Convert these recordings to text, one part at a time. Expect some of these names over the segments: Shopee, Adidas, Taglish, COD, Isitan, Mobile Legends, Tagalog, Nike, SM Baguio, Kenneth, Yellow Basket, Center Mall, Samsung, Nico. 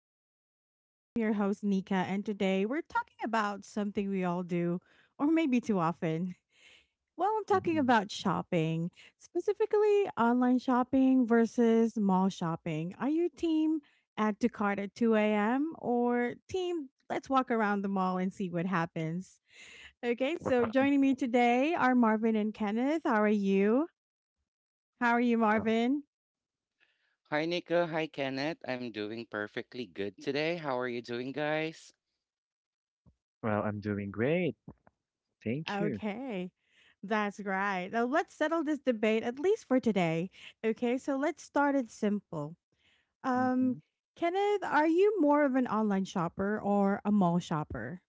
to Chit Chat with Us. I'm your host, Nika, and today we're talking about something we all do, or maybe too often. Well, I'm talking Mhm. about shopping, specifically online shopping versus mall shopping. Are you team add to cart at 2 a.m. or team let's walk around the mall and see what happens? Okay, so joining me today are Marvin and Kenneth. How are you? How are you, Uh, Marvin? Hi, Nico. Hi, Kenneth. I'm doing perfectly good today. How are you doing, guys? Well, I'm doing great. Thank you. Okay. That's right. Now let's settle this debate at least for today. Okay, so let's start it simple. Um, Hmm Kenneth, are you more of an online shopper or a mall shopper?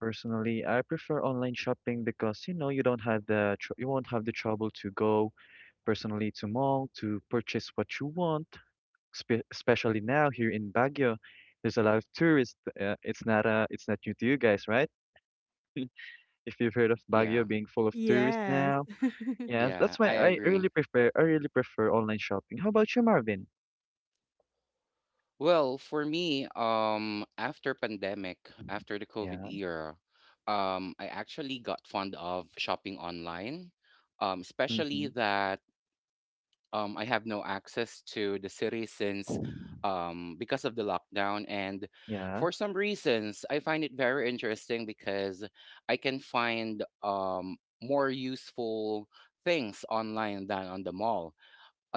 Personally, I prefer online shopping because you don't have the tr you won't have the trouble to go personally to mall to purchase what you want. Spe Especially now here in Baguio, there's a lot of tourists. It's not it's not new to you guys, right? If you've heard of Baguio Yeah, being full of tourists Yes. now, yes, that's yeah, why I agree. I really prefer online shopping. How about you, Marvin? Well, for me, after pandemic, after the COVID Yeah. era, I actually got fond of shopping online, um, especially Mm-hmm. that um, I have no access to the city since because of the lockdown. And Yeah. for some reasons, I find it very interesting because I can find more useful things online than on the mall.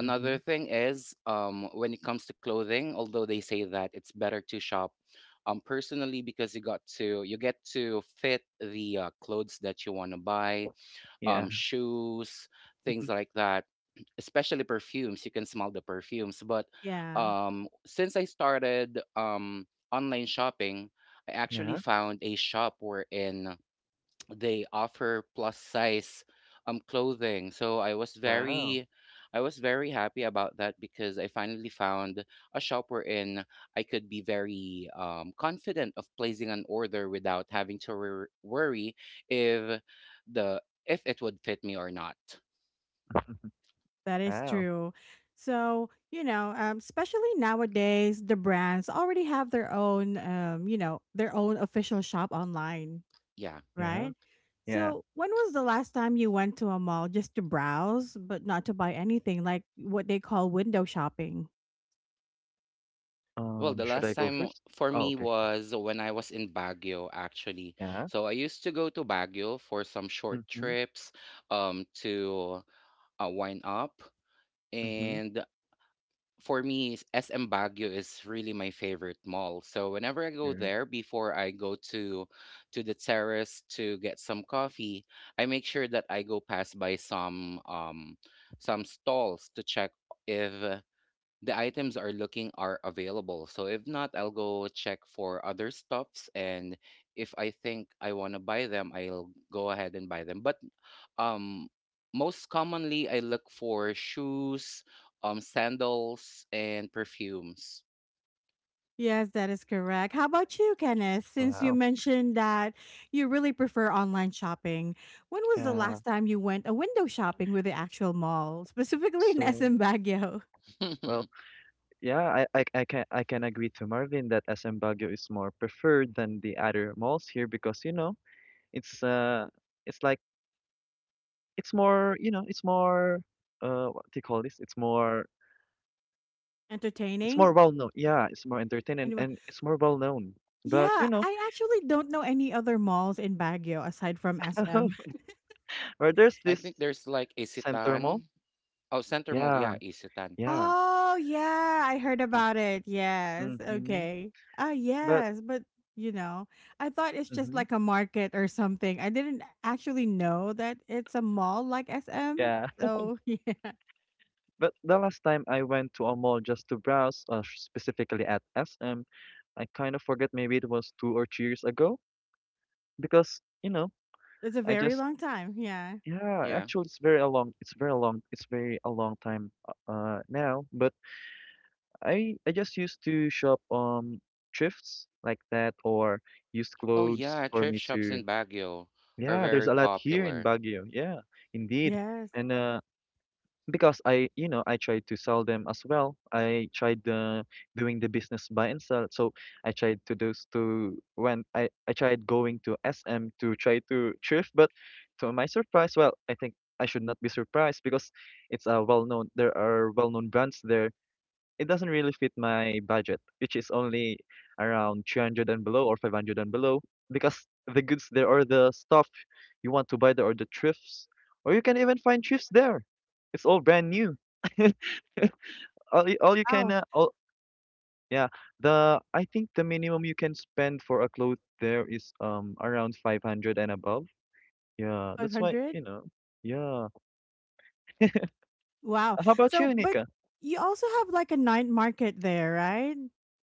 Mm-hmm. thing is, when it comes to clothing, although they say that it's better to shop personally because you get to fit the clothes that you want to buy, Yeah. Shoes, things like that, especially perfumes. You can smell the perfumes. But yeah, since I started online shopping, I actually Yeah. found a shop wherein they offer plus size clothing. So i was Wow, very i was very happy about that because I finally found a shop wherein I could be very confident of placing an order without having to worry if the if it would fit me or not. that is wow, true. So, especially nowadays, the brands already have their own, their own official shop online, Yeah. yeah, right? yeah. So, when was the last time you went to a mall just to browse, but not to buy anything, like what they call window shopping? Well, the Should I last go time first? for Oh, me okay. was when I was in Baguio, actually. Yeah. So I used to go to Baguio for some short Mm-hmm. trips to wind up. Mm-hmm. And for me, SM Baguio is really my favorite mall. So whenever I go Sure. there, before I go to the terrace to get some coffee, I make sure that I go pass by some stalls to check if the items are available. So if not, I'll go check for other stuffs, and if I think I want to buy them, I'll go ahead and buy them. But um most commonly I look for shoes, sandals, and perfumes. Yes, that is correct. How about you, Kenneth? Since you Wow. mentioned that you really prefer online shopping, when was the Yeah. last time you went a window shopping with the actual mall, specifically in So, SM Baguio? well, yeah, I can agree to Marvin that SM Baguio is more preferred than the other malls here because, you know, it's uh it's like it's more, you know, it's more what do you call this? It's Entertaining? more well known. Yeah, it's more entertaining Anyway, and it's more well known. But, you yeah, know, I actually don't know any other malls in Baguio aside from SM. where there's I this think there's like center mall, Isitan. Oh, Center Mall, yeah. yeah, Isitan. Yeah, Oh, yeah, I heard Hmm, about it. Yes. mm-hmm. Okay. Ah, But yes, but you know, I thought it's just mm-hmm. like a market or something. I didn't actually know that it's a mall like SM. Yeah. So, yeah. But the last time I went to a mall just to browse, specifically at SM, I kind of forget maybe it was 2 or 3 years ago because, you know, It's a I very just long time. Yeah. yeah, Yeah. actually it's very a long time now, but I just used to shop thrifts like that or used Oh clothes yeah, for me thrift shops to in Baguio are yeah, there's very a lot here in popular. Baguio. Yeah, indeed. Yes. And because I, you know, I tried to sell them as well. I tried doing the business buy and sell. So I tried to do to when I tried going to SM to try to thrift, but to my surprise, well, I think I should not be surprised because it's a well known. There are well known brands there. It doesn't really fit my budget, which is only around 300 and below or 500 and below, because the goods there or the stuff you want to buy there or the thrifts, or you can even find thrifts there. It's all brand new. All you can, Wow, all, yeah, the I think the minimum you can spend for a clothes there is around 500 and above. Yeah, that's why, 500? you know. Yeah. Wow. How about So, you, but Nika? you also have like a night market there, right?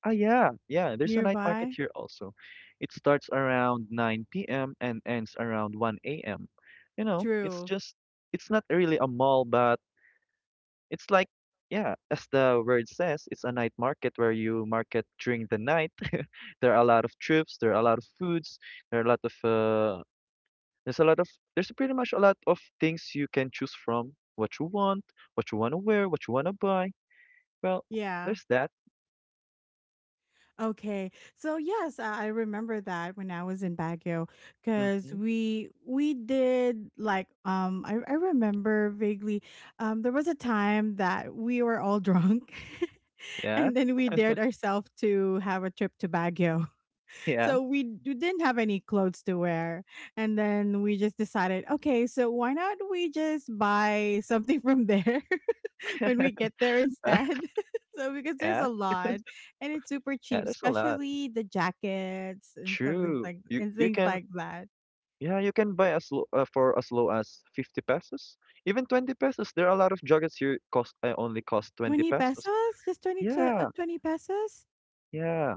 Ah, yeah, yeah. There's a night market Nearby? here also. It starts around 9 p.m. and ends around 1 a.m. You know, it's True. just, it's not really a mall, but it's like, yeah, as the word says, it's a night market where you market during the night. There are a lot of trips, there are a lot of foods, there are a lot of, there's a lot of, there's pretty much a lot of things you can choose from. What you want to wear, what you want to buy. Well, Yeah. there's that. Okay. So yes, I remember that when I was in Baguio cuz Mm-hmm. we did like I remember vaguely there was a time that we were all drunk Yeah, and then we dared ourselves to have a trip to Baguio. yeah, So we didn't have any clothes to wear and then we just decided, okay, so why not we just buy something from there? when we get there instead. so because there's yeah. a lot and it's super Yeah, cheap, there's a lot. especially the jackets and something True. like You and you things can like that. yeah, you can buy as low, for as low as 50 pesos, even 20 pesos. There are a lot of joggers here cost only cost 20 20 pesos. pesos? Just 20 to, Yeah, 20 pesos? yeah.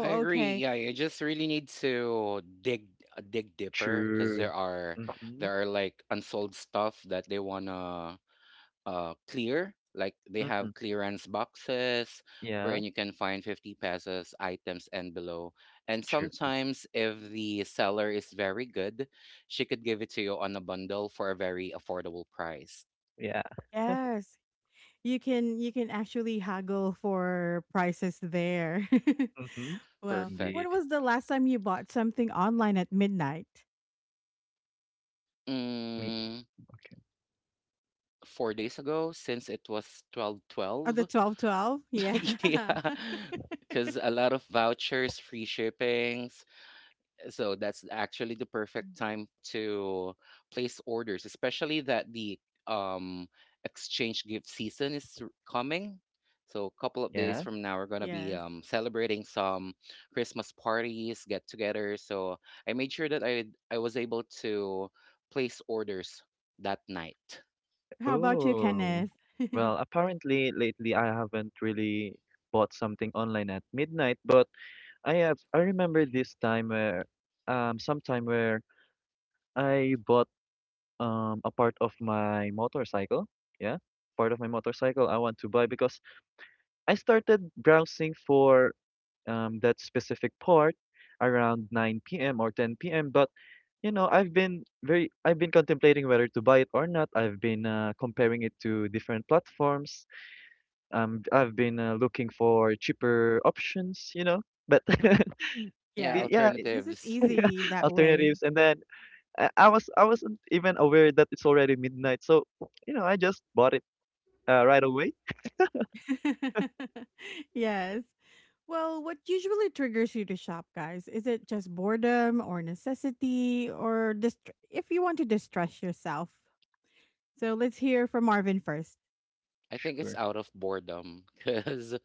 I agree. okay. Yeah, you just really need to dig deeper because True. there are Mm-hmm. there are like unsold stuff that they wanna clear. Like they Mm-hmm. have clearance boxes wherein Yeah, you can find 50 pesos items and below. And true. sometimes if the seller is very good, she could give it to you on a bundle for a very affordable price. Yeah. Yes. You can actually haggle for prices there. Mm-hmm. well, Perfect. when Indeed. was the last time you bought something online at midnight? Me. Mm, Okay. 4 days ago, since it was Oh, the 1212. 1212? Yeah. Yeah, because a lot of vouchers, free shippings. So that's actually the perfect time to place orders, especially that the um exchange gift season is coming. So a couple of days Yeah. from now, we're gonna be yes. Celebrating some Christmas parties, get together. So I made sure that I was able to place orders that night. How about you, Oh. Kenneth? Well, apparently lately I haven't really bought something online at midnight, but I remember this time where sometime where I bought a part of my motorcycle. Yeah, part of my motorcycle I want to buy because I started browsing for that specific part around 9 p.m. or 10 p.m. But you know, I've been contemplating whether to buy it or not. I've been comparing it to different platforms. I've been looking for cheaper options. You know, but. Yeah, Yes. yeah Because it's alternatives. easy that way. alternatives and then I wasn't even aware that it's already midnight. So, you know, I just bought it right away. yes. Well, what usually triggers you to shop, guys? Is it just boredom or necessity or if you want to distress yourself? So let's hear from Marvin first. I think it's Sure. out of boredom because,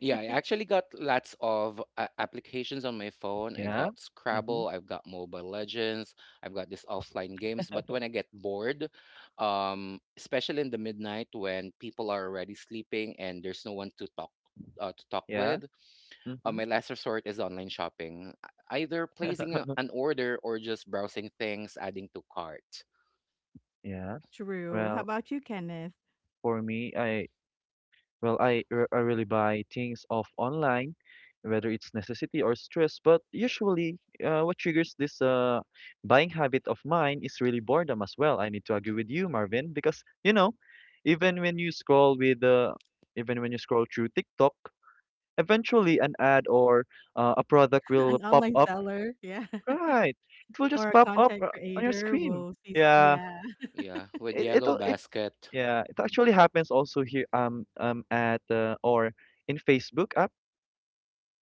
yeah, I actually got lots of applications on my phone. I Yeah. got Mhm. Scrabble, I've got Mobile Legends, I've got these offline games. But when I get bored, especially in the midnight when people are already sleeping and there's no one to talk, uh, to talk Yeah. with, my Mhm. last resort is online shopping, either placing an order or just browsing things, adding to cart. Yeah. True. How Well, about you, Kenneth? for me, I really buy things off online, whether it's necessity or stress. But usually, what triggers this buying habit of mine is really boredom as well. I need to agree with you, Marvin, because you know, even when you scroll with uh, even when you scroll through TikTok eventually an ad or a product will An pop online up. seller, yeah, Right. It will or just a pop up content on your creator screen. will see. Some, Yeah. yeah. Yeah, with It Yellow it'll, it Basket. yeah, it actually happens also here at or in Facebook app.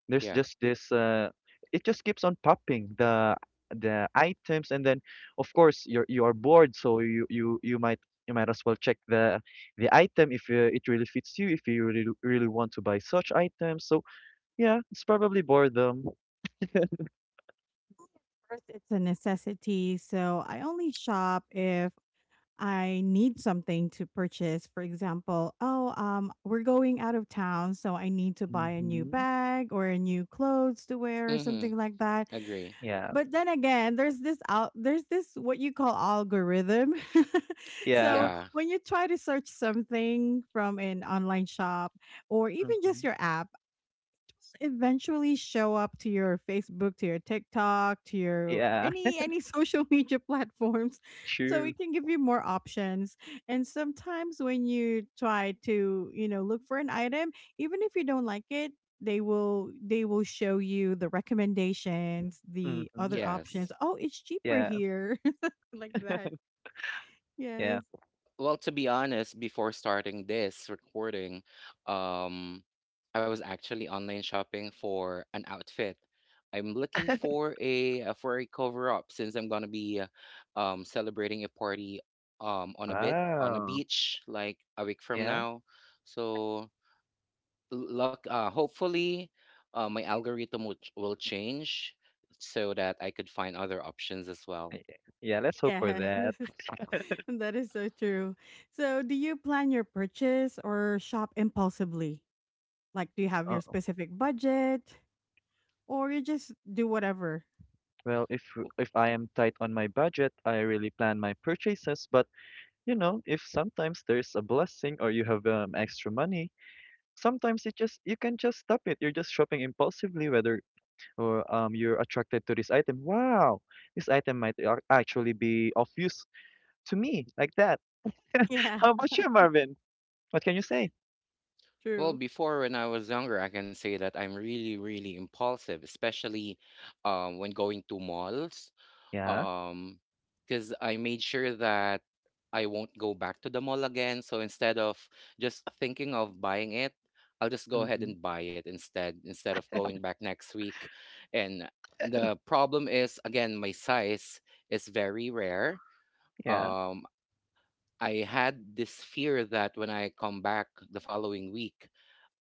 There's Yeah. just this it just keeps on popping the items and then of course you are bored so you might as well check the item if it really fits you if you really really want to buy such items so yeah it's probably boredom. First, it's a necessity. So I only shop if I need something to purchase. For example, oh, we're going out of town, so I need to buy a new Mhm. bag or a new clothes to wear or Mm-hmm. something like that. Agree. Yeah. But then again, there's this what you call algorithm. Yeah. so Yeah. when you try to search something from an online shop or even just Mhm. your app, eventually show up to your Facebook, to your TikTok, to your Yeah. Any social media platforms so True. it can give you more options. And sometimes when you try to, you know, look for an item, even if you don't like it, they will show you the recommendations, the Mhm. other options. Yes. Oh, it's cheaper Yeah. here. like that. Yes. Yeah. Well, to be honest, before starting this recording, um, I was actually online shopping for an outfit. I'm looking for a, for a cover up since I'm gonna be celebrating a party on a Wow. beach, like a week from Yeah. now. So l- luck hopefully my algorithm will will change so that I could find other options as well. I- Yeah. Let's hope for Yes. that. that is so true. So, do you plan your purchase or shop impulsively? Like, do you have Uh, your specific budget or you just do whatever? well, if I am tight on my budget, I really plan my purchases. But you know, if sometimes there's a blessing or you have extra money, sometimes it just you can just stop it. You're just shopping impulsively, whether or you're attracted to this item. Wow, this item might actually be of use to me, like that. Yeah, How about you, Marvin? What can you say? Well, true. before when I was younger, I can say that I'm really, really impulsive, especially when going to malls. Yeah. Um, because I made sure that I won't go back to the mall again. So instead of just thinking of buying it, I'll just go ahead Mm-hmm. and buy it instead, instead of going back next week. And the problem is, again, my size is very rare. Yeah. Um, I had this fear that when I come back the following week,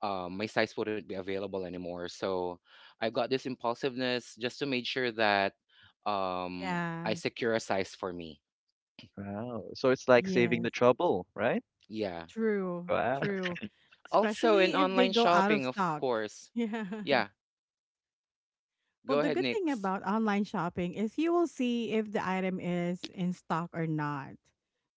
my size wouldn't be available anymore. So I've got this impulsiveness just to make sure that um, I Yeah, secure a size for me. Wow. So it's like saving yes, the trouble, right? Yeah. true, Wow. true. Also in Especially if they online go out shopping, of of stock. course. Yeah. Yeah. Go Well, the ahead, good thing Nix. about online shopping is you will see if the item is in stock or not.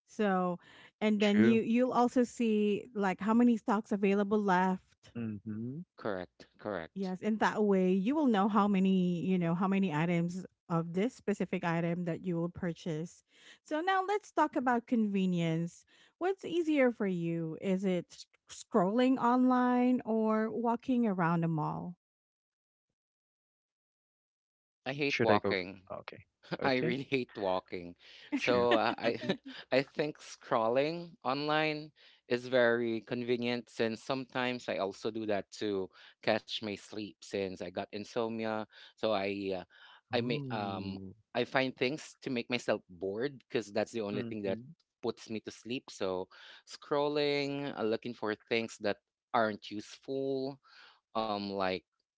So, and then True. you you'll also see like how many stocks available left. Mm-hmm. Correct. Correct. Yes, in that way, you will know how many, you know, how many items of this specific item that you will purchase. So now let's talk about convenience. What's easier for you? Is it scrolling online or walking around a mall? I hate Should I go? Walking. Okay. I Okay. really hate walking. True. So I Mm-hmm. I think scrolling online is very convenient, since sometimes I also do that to catch my sleep since I got insomnia. So I may um Ooh. I find things to make myself bored because that's the only thing that Mm-hmm. puts me to sleep. So scrolling, looking for things that aren't useful, like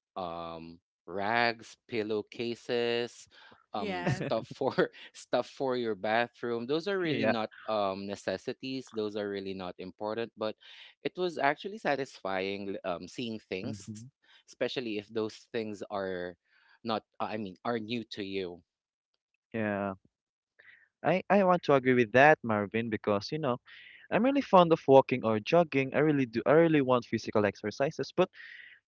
um rags, pillowcases, yes. stuff for stuff for your bathroom. Those are really Yeah. not necessities. Those are really not important, but it was actually satisfying seeing things, hmm especially if those things are not I mean are new to you. Yeah. I want to agree with that, Marvin, because you know, I'm really fond of walking or jogging. I really do. I really want physical exercises, but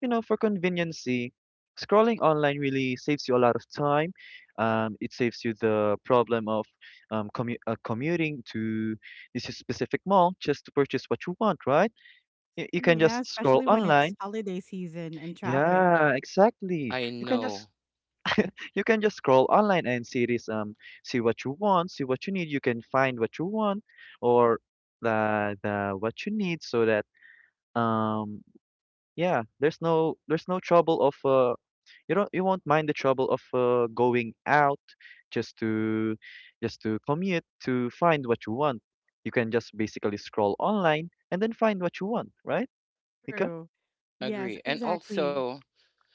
you know, for conveniency, scrolling online really saves you a lot of time. It saves you the problem of commuting to this specific mall just to purchase what you want, right? Y You can Yeah, just scroll especially when it's online. holiday season and traffic. Yeah, exactly. I know. You can just scroll online and see this see what you want, see what you need. You can find what you want or the what you need so that um yeah, there's no trouble of you don't you won't mind the trouble of going out just to just to commute to find what you want. You can just basically scroll online and then find what you want, right, Nika? True. Yes, Agree. And exactly. also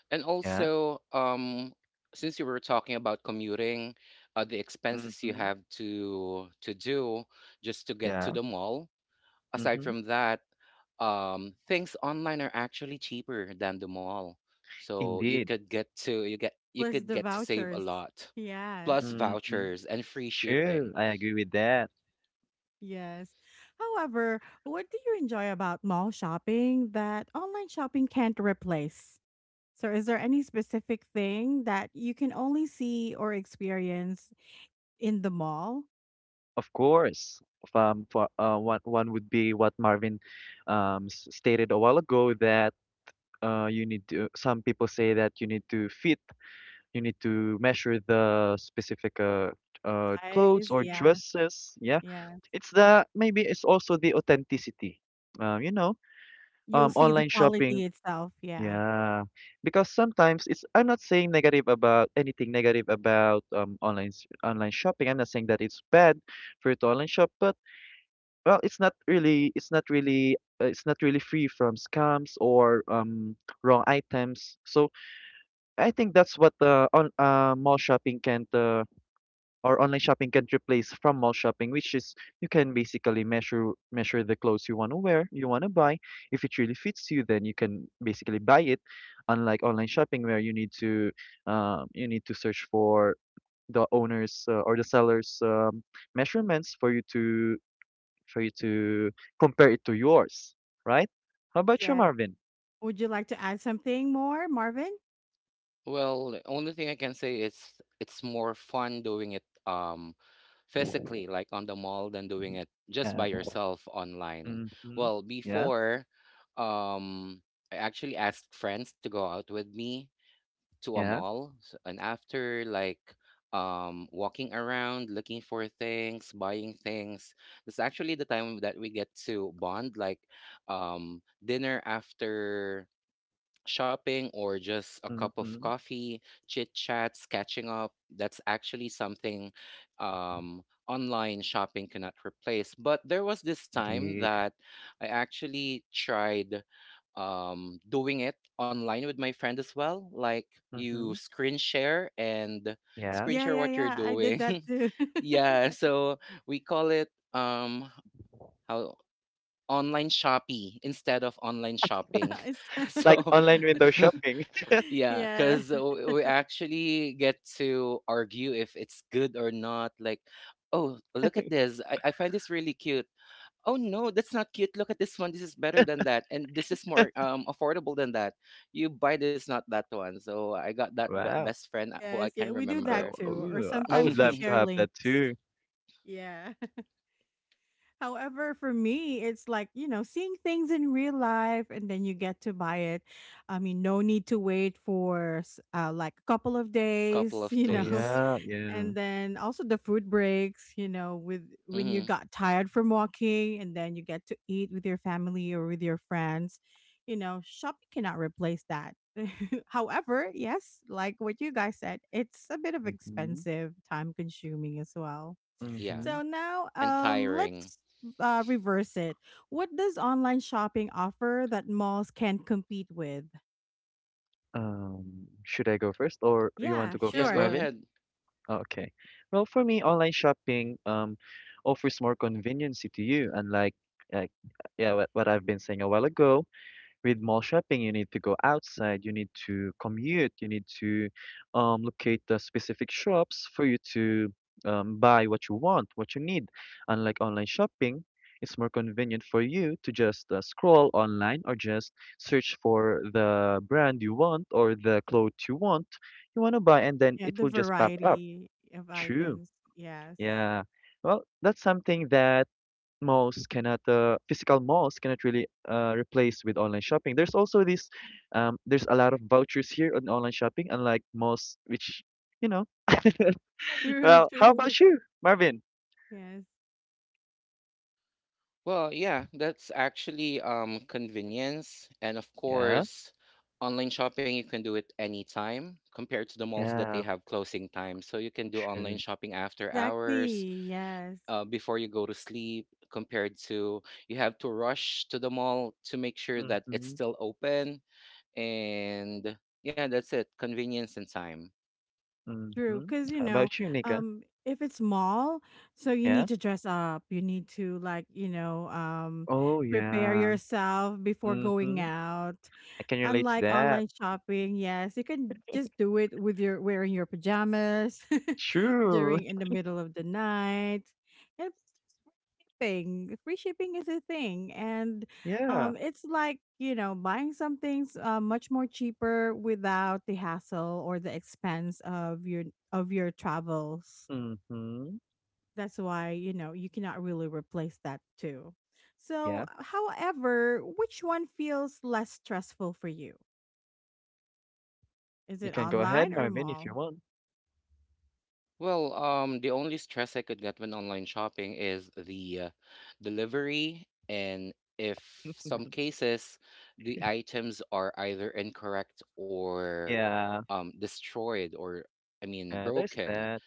And Yeah. also, um, since you were talking about commuting, the expenses you Mm-hmm. have to do just to get to Yeah. the mall. Aside Mm-hmm. from that, things online are actually cheaper than the mall, so you Indeed. could get to you get you Plus could the get to save a vouchers. lot. Yes. Plus Mm-hmm. vouchers and free True. shipping. I agree with that. Yes. However, what do you enjoy about mall shopping that online shopping can't replace? So, is there any specific thing that you can only see or experience in the mall? Of course. If, for one one would be what Marvin stated a while ago that you need to. Some people say that you need to fit. You need to measure the specific clothes Size, or yeah, dresses. Yeah, yeah. it's the maybe it's also the authenticity. You know, You'll see the online shopping. quality itself. Yeah, Yeah, because sometimes it's. I'm not saying negative about anything negative about online shopping. I'm not saying that it's bad for you to online shop, but well, it's not really. It's not really. It's not really free from scams or wrong items. So I think that's what on mall shopping can or online shopping can replace from mall shopping, which is you can basically measure the clothes you want to wear, you want to buy. If it really fits you, then you can basically buy it. Unlike online shopping, where you need to search for the owner's or the seller's measurements for you to compare it to yours, right? How about you, yeah. Marvin? Would you like to add something more, Marvin? Well, the only thing I can say is it's more fun doing it physically, like on the mall, than doing it just by Yeah. yourself online. Mm-hmm. Well, Yeah. before, um, I actually asked friends to go out with me to a Yeah. mall, and after, like, walking around, looking for things, buying things, that's actually the time that we get to bond, like dinner after shopping or just a cup of Mm-hmm. coffee, chit chats, catching up. That's actually something, um, online shopping cannot replace. But there was this time Indeed. that I actually tried doing it online with my friend as well. Like you Mm-hmm. screen share and Yeah. screen Yeah, share yeah, what you're yeah. I did doing. that too. Yeah, so we call it, how online shoppy instead of online shopping. It's- It's like So online window shopping. yeah, yeah, because we actually get to argue if it's good or not. Like, oh, look at this. I find this really cute. Oh, no, that's not cute. Look at this one. This is better than that. And this is more, affordable than that. You buy this, not that one. So I got that Wow. best friend, who I yes, yeah. can We do that remember. too. Or Ooh, I would sometimes we love to share have that links. too. Yeah. However, for me, it's like, you know, seeing things in real life and then you get to buy it. I mean, no need to wait for like a couple of days, Couple of you Oh know. days. yeah, yeah. And then also the food breaks, you know, with when you hmm got tired from walking and then you get to eat with your family or with your friends. You know, shopping cannot replace that. However, yes, like what you guys said, it's a bit of Mm-hmm. expensive, time consuming as well. Yeah, Mm-hmm. So now, and tiring. let's reverse it. What does online shopping offer that malls can't compete with? Um, should I go first or you want Yeah, to go Yeah, first, go sure. Marvin? ahead. Oh, okay. Well, for me, online shopping offers more conveniency to you, unlike like yeah, what I've been saying a while ago. With mall shopping, you need to go outside, you need to commute, you need to locate the specific shops for you to buy what you want, what you need. Unlike online shopping, it's more convenient for you to just scroll online or just search for the brand you want or the clothes you want to buy, and then Yeah, it the will just pop up. variety of True. items. Yes. Yeah. Well, that's something that malls cannot physical malls cannot really replace. With online shopping there's also this there's a lot of vouchers here on online shopping unlike malls which you know. True, Well how true. about you, Marvin? Yes, Well, yeah, that's actually, convenience. And of Yeah. course, online shopping, you can do it anytime compared to the malls that they Yeah. have closing time. So you can do online Sure. shopping after hours, exactly. Yes, before you go to sleep, compared to you have to rush to the mall to make sure that it's Mm-hmm, still open. And yeah, that's it, convenience and time. mm-hmm. true. Because, How about you, Nika? If it's mall, so you Yeah. need to dress up. You need to, like, Oh prepare yeah. yourself before Mm-hmm. going out. I can relate to Unlike that. online shopping, yes, you can just do it with your wearing your pajamas True. during in the middle of the night. And it's just free shipping. Free shipping is a thing, and Yeah. It's like you know buying some things much more cheaper without the hassle or the expense of your travels. Mm-hmm. That's why you know you cannot really replace that too. So, Yeah. however, which one feels less stressful for you? Is You it can go ahead, online or Marvin, if mall? you want. Well, the only stress I could get when online shopping is the, delivery, and if some cases the items are either incorrect or Yeah. Destroyed, or There's broken, that.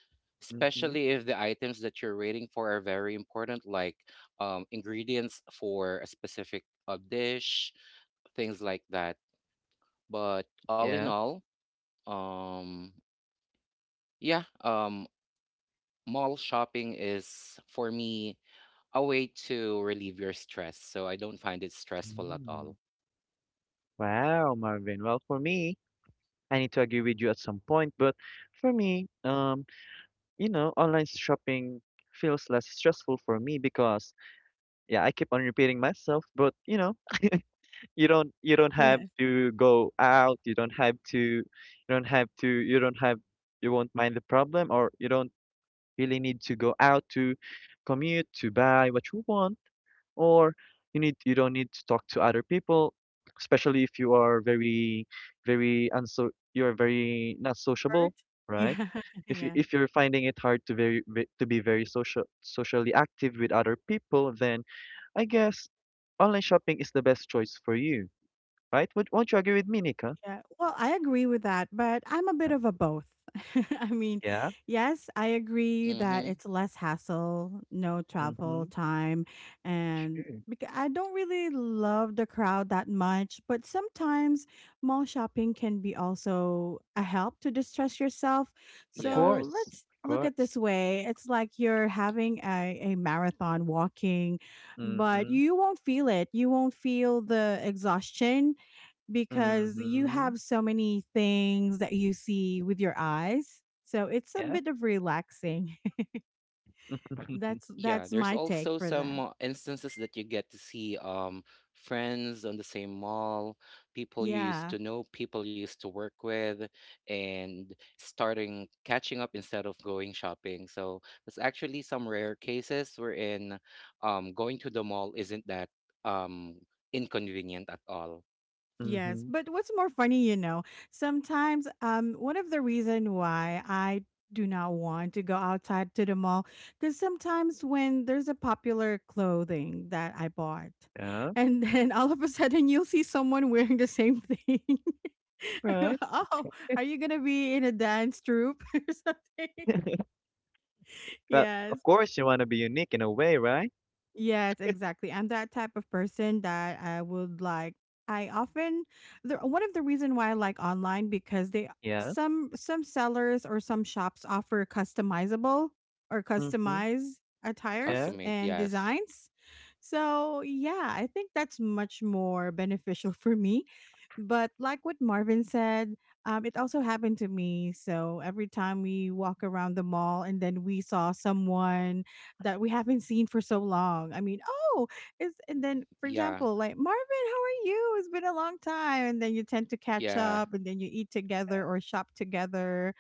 Mhm. especially if the items that you're waiting for are very important, like ingredients for a specific dish, things like that. But all in Yeah. all, um, yeah, um, mall shopping is, for me, a way to relieve your stress, so I don't find it stressful at Mm. all. Wow, Marvin. Well, for me, I need to agree with you at some point, but for me, you know, online shopping feels less stressful for me because yeah, I keep on repeating myself, but you know, you don't have Yeah, to go out, you don't have to you don't have to you don't have you won't mind the problem or you don't really need to go out to commute to buy what you want. Or you need, you don't need to talk to other people, especially if you are very very unso you're very not Bird? sociable, right? Yeah. If you, Yeah. if you're finding it hard to to be very socially active with other people, then I guess online shopping is the best choice for you, right? Would Won't you agree with me, Nika? Yeah, well, I agree with that, but I'm a bit of a both. I mean, Yeah. yes, I agree that Mm-hmm. it's less hassle, no Mm-hmm. travel time, and Sure. because I don't really love the crowd that much, but sometimes mall shopping can be also a help to distress yourself. Of Yeah. So course. let's Of look at this course. way. It's like you're having a marathon walking, but Mm-hmm. you won't feel it. You won't feel the exhaustion because you Mm-hmm. have so many things that you see with your eyes. So it's a Yeah. bit of relaxing. that's Yeah, that's there's my take also for that. some instances that you get to see friends on the same mall, people you used Yeah. to know, people you used to work with, and starting catching up instead of going shopping. So there's actually some rare cases wherein going to the mall isn't that um inconvenient at all. Yes, Mm-hmm. but what's more funny, you know, sometimes one of the reason why I do not want to go outside to the mall cuz sometimes when there's a popular clothing that I bought Yeah. and then all of a sudden you'll see someone wearing the same thing Right. oh, are you gonna be in a dance troupe or something? Well, Yeah, of course you want to be unique in a way, right? yes, exactly. I'm that type of person that I would like. I often the one of the reason why I like online because they Yeah. Some sellers or some shops offer customizable or Mm-hmm. customized Yeah. attires Custom-made, and yes. designs. So yeah, I think that's much more beneficial for me. But like what Marvin said, it also happened to me. So every time we walk around the mall and then we saw someone that we haven't seen for so long. I mean, oh, it's and then for Yeah. example, like Marvin, how are you? It's been a long time, and then you tend to catch Yeah, up, and then you eat Yeah. together or shop together.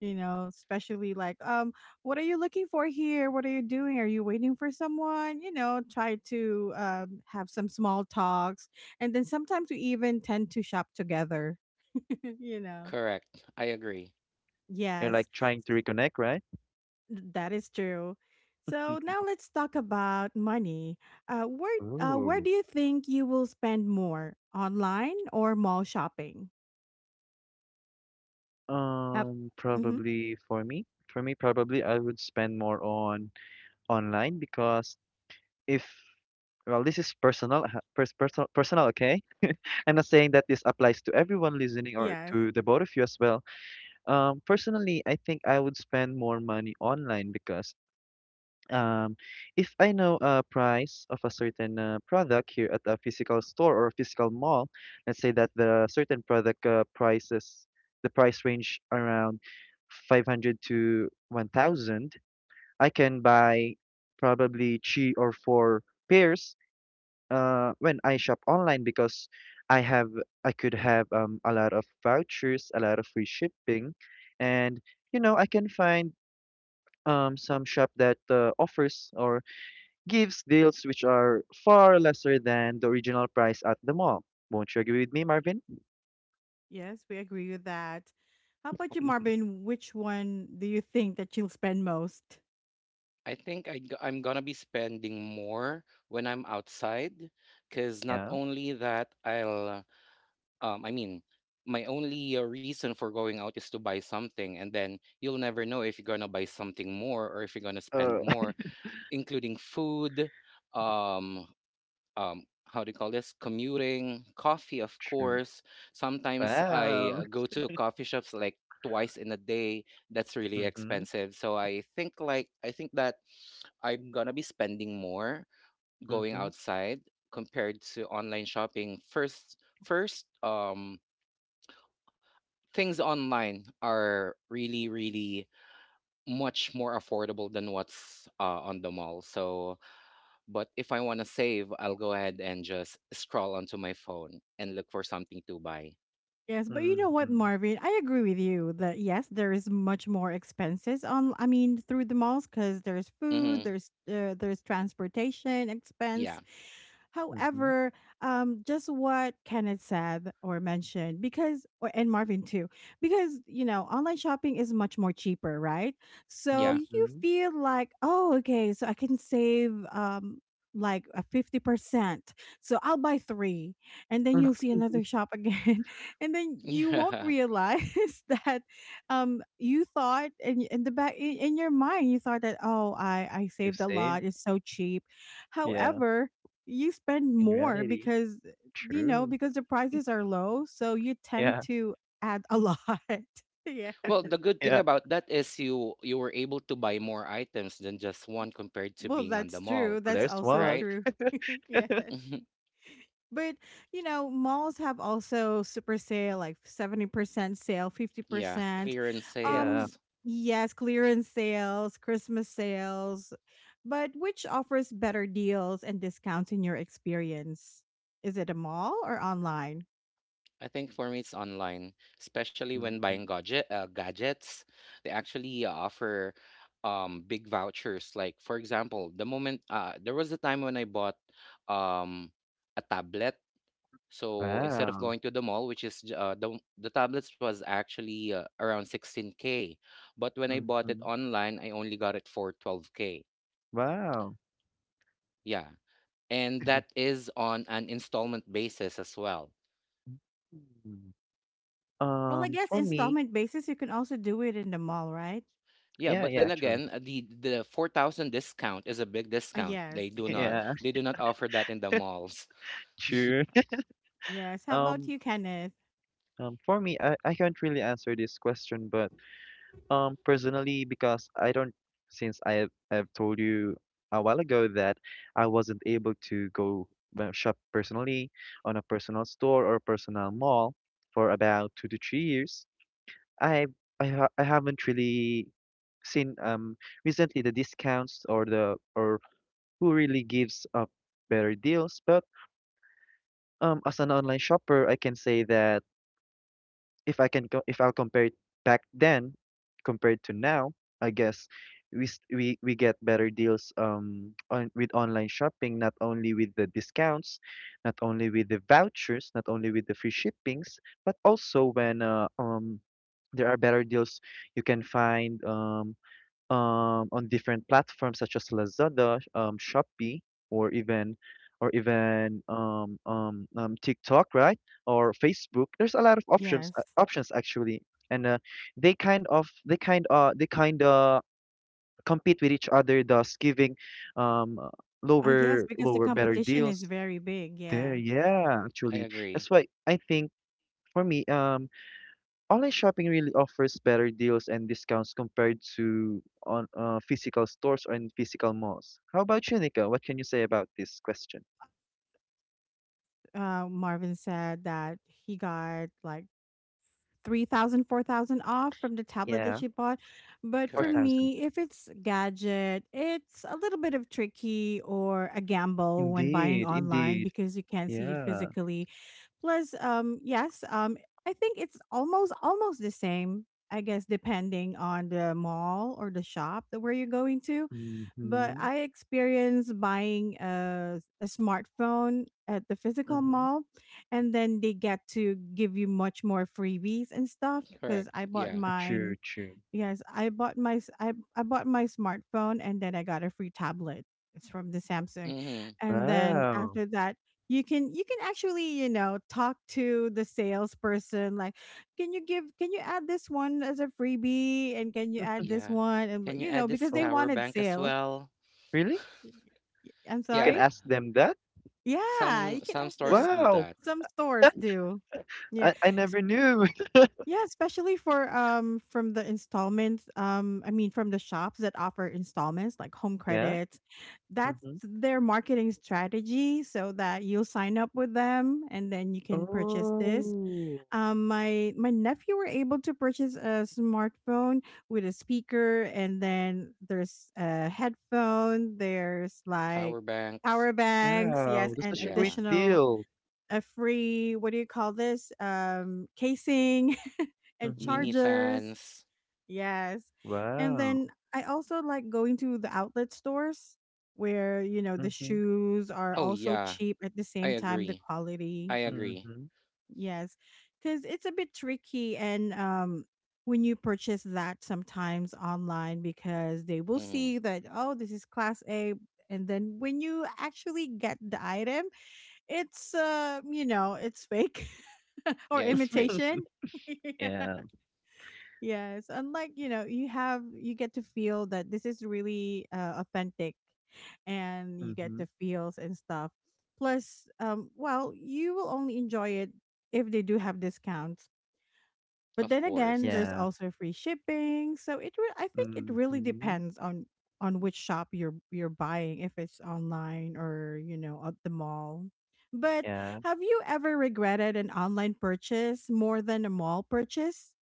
You know, especially like, what are you looking for here? What are you doing? Are you waiting for someone? You know, try to have some small talks, and then sometimes we even tend to shop together. you know, correct. I agree. You're yes. like trying to reconnect, right? That is true. So Mm. now let's talk about money. Where Ooh. do you think you will spend more, online or mall shopping? How- Mhm. Probably for me. For me, probably I would spend more on online because if, well, this is personal, personal. Okay, I'm not saying that this applies to everyone listening or Yes, to the both of you as well. Personally, I think I would spend more money online because Um, if I know a price of a certain product here at a physical store or a physical mall, let's say that the certain product prices, the price range around 500 to 1,000, I can buy probably three or four pairs when I shop online because I have I could have a lot of vouchers, a lot of free shipping, and you know I can find some shop that offers or gives deals which are far lesser than the original price at the mall. Won't you agree with me, Marvin? yes, we agree with that. How about you, Marvin? Which one do you think that you'll spend most? I think I'm gonna be spending more when I'm outside, because not Yeah. only that I'll um I mean my only reason for going out is to buy something, and then you'll never know if you're gonna buy something more or if you're gonna spend Uh, more, including food, um um how do you call this, commuting, coffee. Of True. course, sometimes I, Wow. Go to coffee shops like twice in a day. That's really Mm-hmm. expensive. So I think, I think that I'm gonna be spending more going Mm-hmm. outside compared to online shopping. First first Things online are really, really much more affordable than what's, on the mall. So but if I want to save, I'll go ahead and just scroll onto my phone and look for something to buy. Yes, but you know what, Mm-hmm. Marvin? I agree with you that yes, there is much more expenses on. I mean, through the malls because there's food, Mm-hmm. There's transportation Yeah. expense. Mm-hmm. However, just what Kenneth said or mentioned, because or, and Marvin too, because you know online shopping is much more cheaper, right? So Yeah. you Mm-hmm. feel like, oh, okay, so I can save like a 50%, so I'll buy three, and then you'll see another shop again, and then you won't Yeah. realize that you thought, and in the back, in your mind you thought that, oh, I You saved a see? lot, it's so cheap. Yeah. However, you spend In more reality. because, you know, True. because the prices are low, so you tend Yeah. to add a lot. Yeah, Well, the good thing Yeah. about that is you you were able to buy more items than just one compared to well, being on the that's mall, true. That's There's also one. right? true. Yeah. But, you know, malls have also super sale, like 70% sale, Yeah, 50%. clearance Yeah. Um, sales. yes, clearance sales, Christmas sales, but which offers better deals and discounts in your experience? Is it a mall or online? I think for me it's online, especially when Mm-hmm. buying gadgets. They actually offer big vouchers. Like for example, the moment there was a time when I bought um a tablet. So instead of Wow. going to the mall, the tablets was actually around 16k, but when I bought it Mm-hmm. online, I only got it for 12k. Wow. Yeah. And that is on an installment basis as well. Mhm. Well, I guess For me, installment basis, you can also do it in the mall, right? Yeah, yeah, but yeah, then actually. again, the 4,000 discount is a big discount. Yes, They do not yes, Yeah, they do not offer that in the malls. sure. yes. How about Um, you, Kenneth? For me, I can't really answer this question, but personally, because I don't, I have told you a while ago that I wasn't able to go shop personally on a personal store or personal mall for about 2 to 3 years, I I, ha I haven't really seen recently the discounts or who really gives up better deals. But as an online shopper, I can say that if I'll compare it back then compared to now, I guess we get better deals on with online shopping, not only with the discounts, not only with the vouchers, not only with the free shippings, but also when there are better deals you can find. On different platforms such as Lazada, Shopee, or even, or even TikTok, right? Or Facebook. There's a lot of options Yes. options actually, and they they kind of compete with each other, thus giving um, uh, Yes, lower because the lower better competition is deals. very big. There, Yeah. yeah, I actually, agree. that's why I think for me, online shopping really offers better deals and discounts compared to on physical stores or in physical malls. How about you, Nika? What can you say about this question? Marvin said that he got like 3,000, 4,000 off from the tablet that Yeah, she bought. But for Correct. 4,000. me, if it's gadget, it's a little bit of tricky or a gamble when buying Indeed, online indeed. because you can't see it Yeah. physically. Plus, yes, I think it's almost the same. I guess depending on the mall or the shop that where you're going to, but Mm-hmm. I experienced buying a smartphone at the physical Mm-hmm. mall, and then they get to give you much more freebies and stuff. Because Correct. I bought Yeah. True, mine, true. yes, I bought my smartphone, and then I got a free tablet. It's from the Samsung, Mm-hmm. and then Wow. after that. You can actually, you know, talk to the salesperson like, can you give, can you add this one as a freebie, and can you add this Yeah. one, and Can you you add know, this because they Oh, power wanted bank as sales. well? really? Y- I'm You can Yeah. sorry? ask them that? Yeah, you can Some ask stores them. do Wow. that. Some stores do. Yeah. I S- never knew. Yeah, especially for from the installments, I mean from the shops that offer installments like home Yeah. credits. That's Mm-hmm. their marketing strategy so that you'll sign up with them and then you can purchase this. Oh, My nephew were able to purchase a smartphone with a speaker, and then there's a headphone. There's like Power banks. power banks, wow. yes, That's and such a great Yeah. additional deal. a free, what do you call this, casing and Mm-hmm. Mini chargers, fans. yes. And Wow. then I also like going to the outlet stores where, you know, the Mm-hmm. shoes are Oh also yeah. cheap, at the I same time the agree. quality. I agree. Mhm. Yes, because it's a bit tricky, and when you purchase that sometimes online, because they will Mm. see that, oh, this is class A, and then when you actually get the item, it's you know, it's fake or Yeah, it's fake. imitation. Yeah. Yeah. Yes, unlike, you know, you have you get to feel that this is really authentic, and you get Mhm. the feels and stuff. Plus, well, you will only enjoy it if they do have discounts. But Of then again, course. there's Yeah. also free shipping, so I think it really Mhm. depends on which shop you're buying, if it's online or you know at the mall. But Yeah. have you ever regretted an online purchase more than a mall purchase?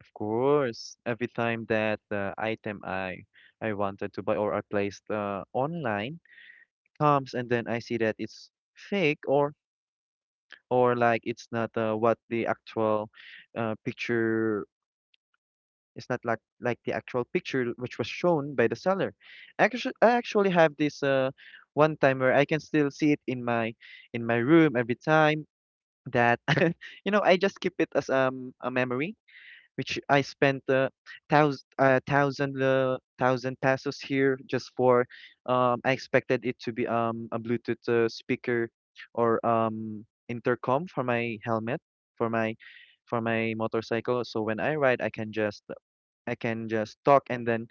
Of course. Every time that the item I wanted to buy or I placed online comes and then I see that it's fake or like it's not what the actual picture, it's not like, like the actual picture which was shown by the seller. Actually, I actually have this one time where I can still see it in my room every time. That you know I just keep it as a memory which I spent thousand pesos here just for um, I expected it to be a Bluetooth speaker or intercom for my helmet for my for my motorcycle so when I ride I can just, I can just talk and then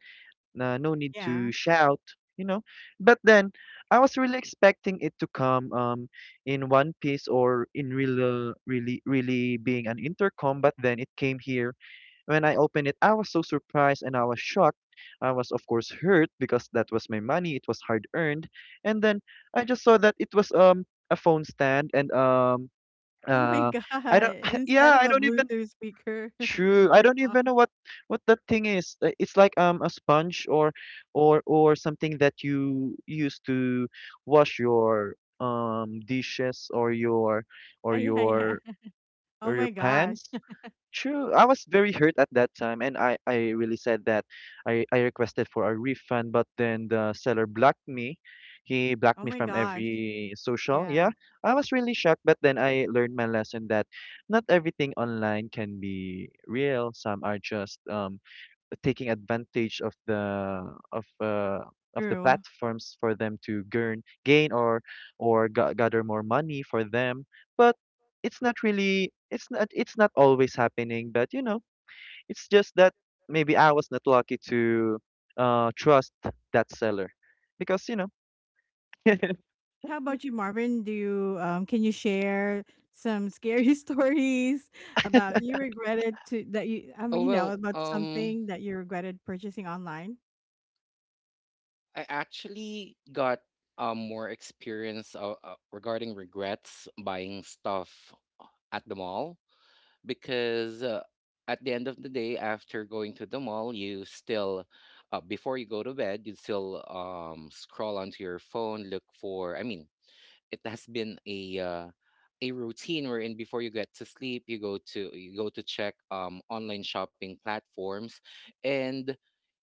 no need to Yeah. shout, you know. But then I was really expecting it to come in one piece or in real really really being an intercom, but then it came here. When I opened it, I was so surprised and I was shocked. I was of course hurt because that was my money, it was hard earned. And then I just saw that it was a phone stand and um Oh my uh I don't god, instead yeah, of I a don't even, Bluetooth speaker and true, I don't intercom. even know what that thing is. It's like a sponge or something that you use to wash your dishes or your Ah, or yeah, yeah. your Oh or your my gosh. pans. True. I was very hurt at that time, and I really said that I requested for a refund, but then the seller blocked me. He blocked Oh me my from gosh. every social. Yeah, Yeah, I was really shocked, but then I learned my lesson that not everything online can be real. Some are just taking advantage of uh, of the true. platforms for them to gain or gather more money for them, but it's not really, it's not always happening, but you know it's just that maybe I was not lucky to trust that seller because you know mm-hmm, How about you, Marvin? Do you can you share some scary stories about you regretted to that you, I Oh mean, you know, well, about something that you regretted purchasing online? I actually got more experience regarding regrets buying stuff uh, at the mall because at the end of the day, after going to the mall, you still, before you go to bed, you still scroll onto your phone, I mean, it has been a routine wherein before you get to sleep, you go to check online shopping platforms, and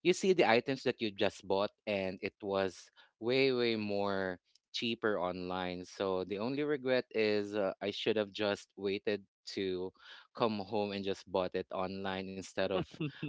you see the items that you just bought, and it was way more cheaper online. So the only regret is, I should have just waited to come home and just bought it online instead of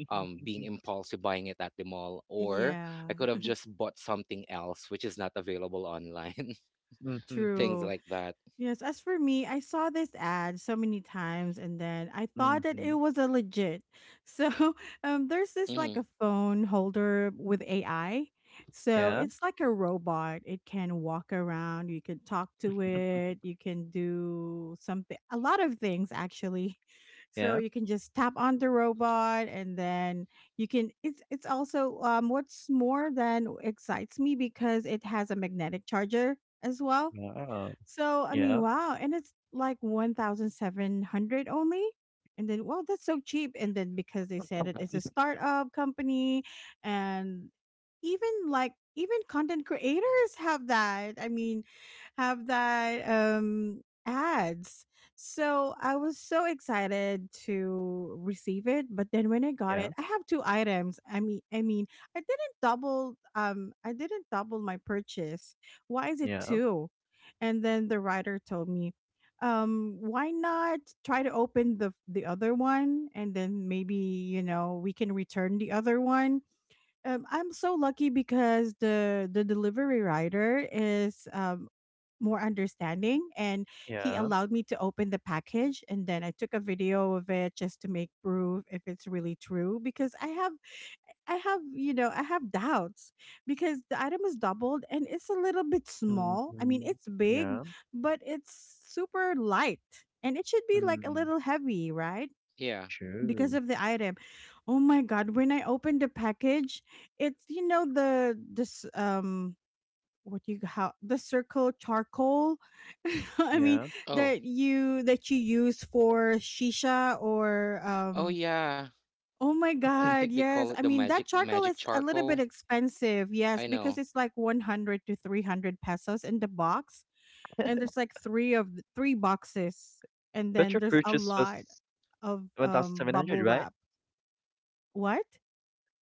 being impulsive buying it at the mall, or I Yeah, could have just bought something else which is not available online. things true. like that. Yes, as for me, I saw this ad so many times and then I thought that mm-hmm. it was a legit. So, there's this Hmm. like a phone holder with AI. So, Yeah, it's like a robot. It can walk around, you can talk to it, you can do something a lot of things actually. So, yeah, you can just tap on the robot and then you can, it's also what's more than excites me because it has a magnetic charger as well, yeah, so, I mean, yeah, wow. And it's like 1,700 only. And then, well, that's so cheap. And then because they said it, it's a startup company, and even like even content creators have that, have that ads. So I was so excited to receive it, but then when I got it, yeah, I have two items. I didn't double, I didn't double my purchase, why is it yeah, two? And then the writer told me, why not try to open the other one, and then maybe, you know, we can return the other one. I'm so lucky because the delivery rider is more understanding, and he yeah, allowed me to open the package, and then I took a video of it just to make proof if it's really true, because I have, I have doubts, because the item is doubled and it's a little bit small. I mean mm-hmm, it's big, yeah, but it's super light, and it should be like a mm. little heavy, right? Yeah. Because True. of the item. Oh my god, when I opened the package, it's, you know, the this, what you how the circle charcoal I mean, Yeah. Oh. That you use for shisha or Oh yeah, oh my I Hmm. think god, they call yes. it I the mean magic that charcoal magic is a little bit charcoal. expensive. Yes, I because know. it's like 100 to 300 pesos in the box, and there's like 3 3 boxes, and But then your there's a purchase lot was of 1,700, bubble right? wrap. What?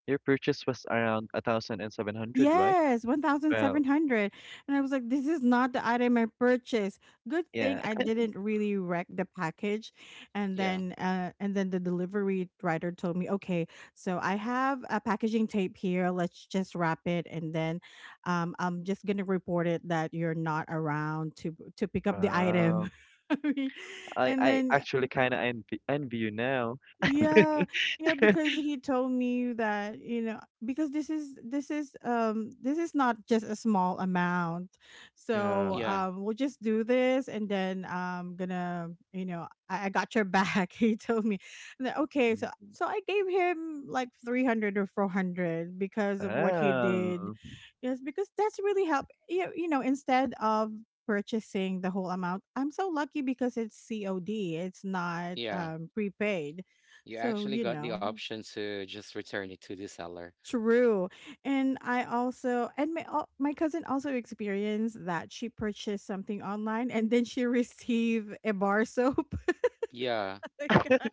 Your purchase was around 1,700, right? Yes, Well, 1,700. And I was like, this is not the item I purchased. Good thing yeah. I didn't really wreck the package. And Yeah. then the delivery rider told me, "Okay, so I have a packaging tape here. Let's just wrap it, and then I'm just going to report it that you're not around to pick up the Wow. item." I mean, and I then actually kind of envy you now. yeah, yeah, because he told me that, you know, because this is, this is this is not just a small amount. So Yeah. Yeah. We'll just do this, and then I'm gonna, you know, I got your back. He told me. And then, okay, so Mhm. so I gave him like 300 or 400 because of what he did. Wow. Yes, because that's really help you, you know, instead of purchasing the whole amount. I'm so lucky because it's COD. It's not Yeah. Prepaid. You So, actually you got the know, option to just return it to the seller. true. And I also, and my my cousin also experienced that she purchased something online, and then she received a bar soap. Yeah, Like, uh,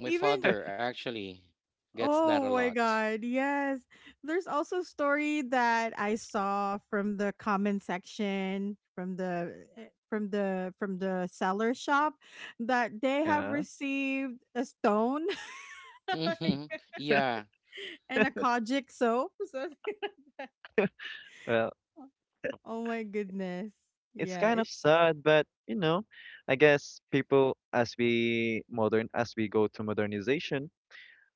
my even, father actually gets that a oh lot. my god, yes. There's also a story that I saw from the comment section from the from the from the seller shop that they have Yeah. received a stone hmm. Yeah, and a kojic soap. So, Well, oh my goodness. it's Yeah, kind of it's sad, but you know, I guess people as we go to modernization,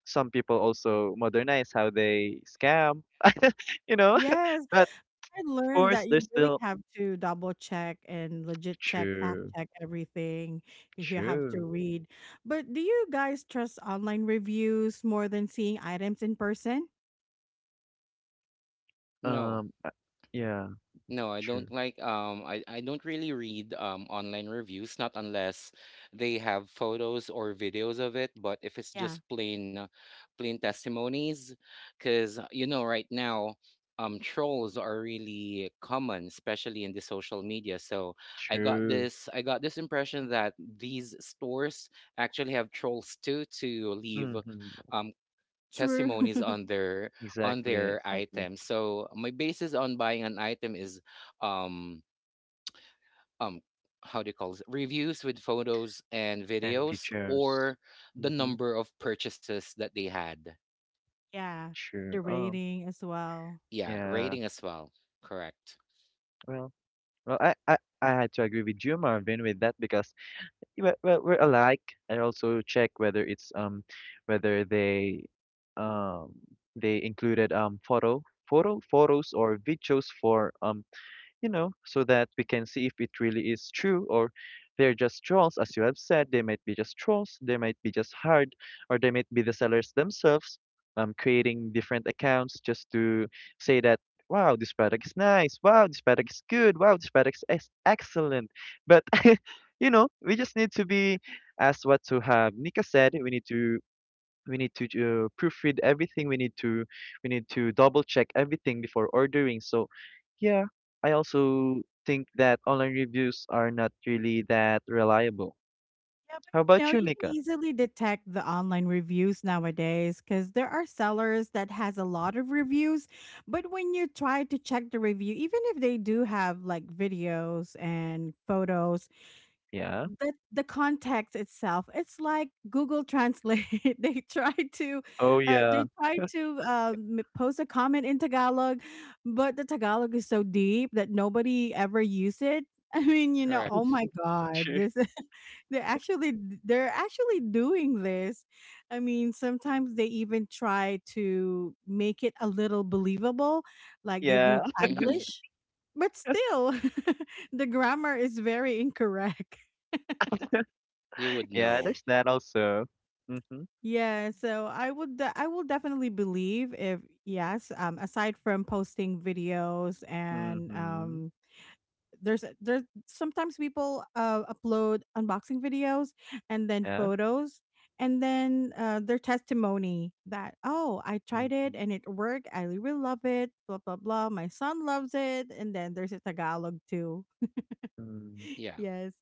some people also modernize how they scam, you know. yes, But I learned course, that there's you really still have to double check and legit check, fact true, check everything. You have to true. read. But do you guys trust online reviews more than seeing items in person? no. Um, uh, yeah, No, I true, don't like I, don't really read online reviews, not unless they have photos or videos of it. But if it's Yeah, just plain testimonies, because you know right now trolls are really common, especially in the social media. So I got true. this, I got this impression that these stores actually have trolls too to leave Mm-hmm. um true. testimonies on their, on Exactly, their exactly. items. So my basis on buying an item is um um how do you call it, reviews with photos and And videos, features. or the Mm-hmm. number of purchases that they had. Yeah, and True. the rating as well. Yeah, Yeah. rating as well. Correct. Well, well, I had to agree with you, Marvin, with that because we, well, we're alike. I also check whether it's whether um, they included photo, photos or videos for you know, so that we can see if it really is true or they're just trolls, as you have said. They might be just trolls, they might be just hard, or they might be the sellers themselves creating different accounts just to say that, wow, this product is nice, wow, this product is good, wow, this product is ex- excellent. But, you know, we just need to be, as what to have Nika said, we need to proofread everything, we need to double check everything before ordering. So yeah, I also think that online reviews are not really that reliable. Yeah, but How you know, about you, you can Nika? easily detect the online reviews nowadays because there are sellers that has a lot of reviews. But when you try to check the review, even if they do have like videos and photos, Yeah, the context itself, it's like Google Translate. They try to, oh yeah, they try to, post a comment in Tagalog, but the Tagalog is so deep that nobody ever use it. I mean, you know, oh Correct. my god, sure, they actually, they're actually doing this. I mean sometimes they even try to make it a little believable, like they do yeah, Mm-hmm. Taglish, but still the grammar is very incorrect. You would yeah, know. there's that also, mm-hmm, Yeah, so I would I will definitely believe if yes, aside from posting videos and mm-hmm, there's sometimes people upload unboxing videos, and then yeah, photos, and then their testimony that, oh, I tried it mm-hmm, and it worked. I really love it, blah blah blah. My son loves it, and then there's a Tagalog too. mm. Yeah. Yes.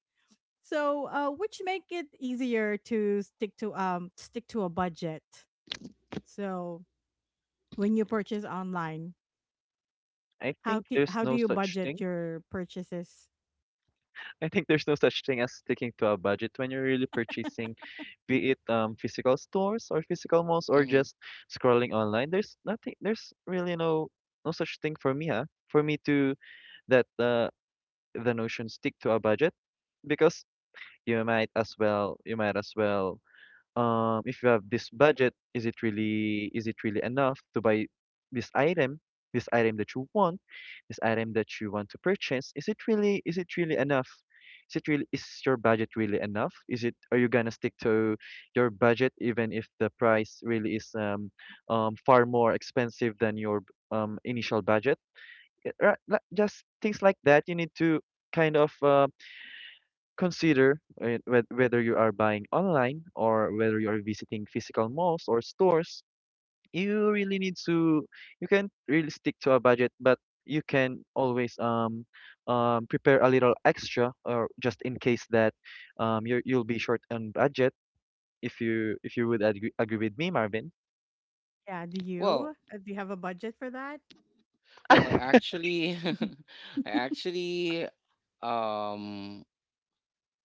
So, which make it easier to stick to stick to a budget. So, when you purchase online, i think there's how do no you such budget thing your purchases? I think there's no such thing as sticking to a budget when you're really purchasing, be it physical stores or physical malls, or Mm-hmm. just scrolling online. There's nothing. There's really no, no such thing for me, huh? For me to, that the notion stick to a budget, because you might as well, if you have this budget, is it really, is it really enough to buy this item, this item that you want, this item that you want to purchase? Is it really, is it really enough? Is it really, is your budget really enough? Is it, are you gonna stick to your budget even if the price really is far more expensive than your initial budget? Yeah, right, like, just things like that. You need to kind of consider whether you are buying online or whether you are visiting physical malls or stores. You really need to, you can not really stick to a budget, but you can always prepare a little extra or just in case that you're, you'll be short on budget if you, if you would agree with me, Marvin. Yeah, Well, do you have a budget for that? well, I actually, I actually, um,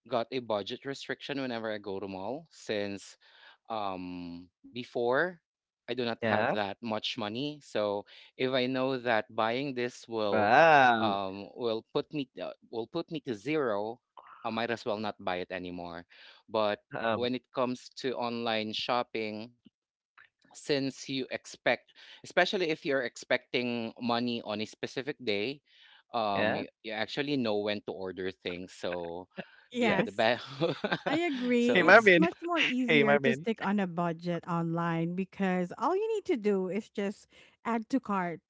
got a budget restriction whenever I go to mall, since before I do not have Yeah. that much money. So if I know that buying this will Wow. Will put me to zero, I might as well not buy it anymore. But Um, when it comes to online shopping, since you expect, especially if you're expecting money on a specific day, yeah. you, you actually know when to order things. So yeah, the Yes, best. I agree. Hey, so It's Marvin. much more Hey, easier to Marvin. stick on a budget online because all you need to do is just add to cart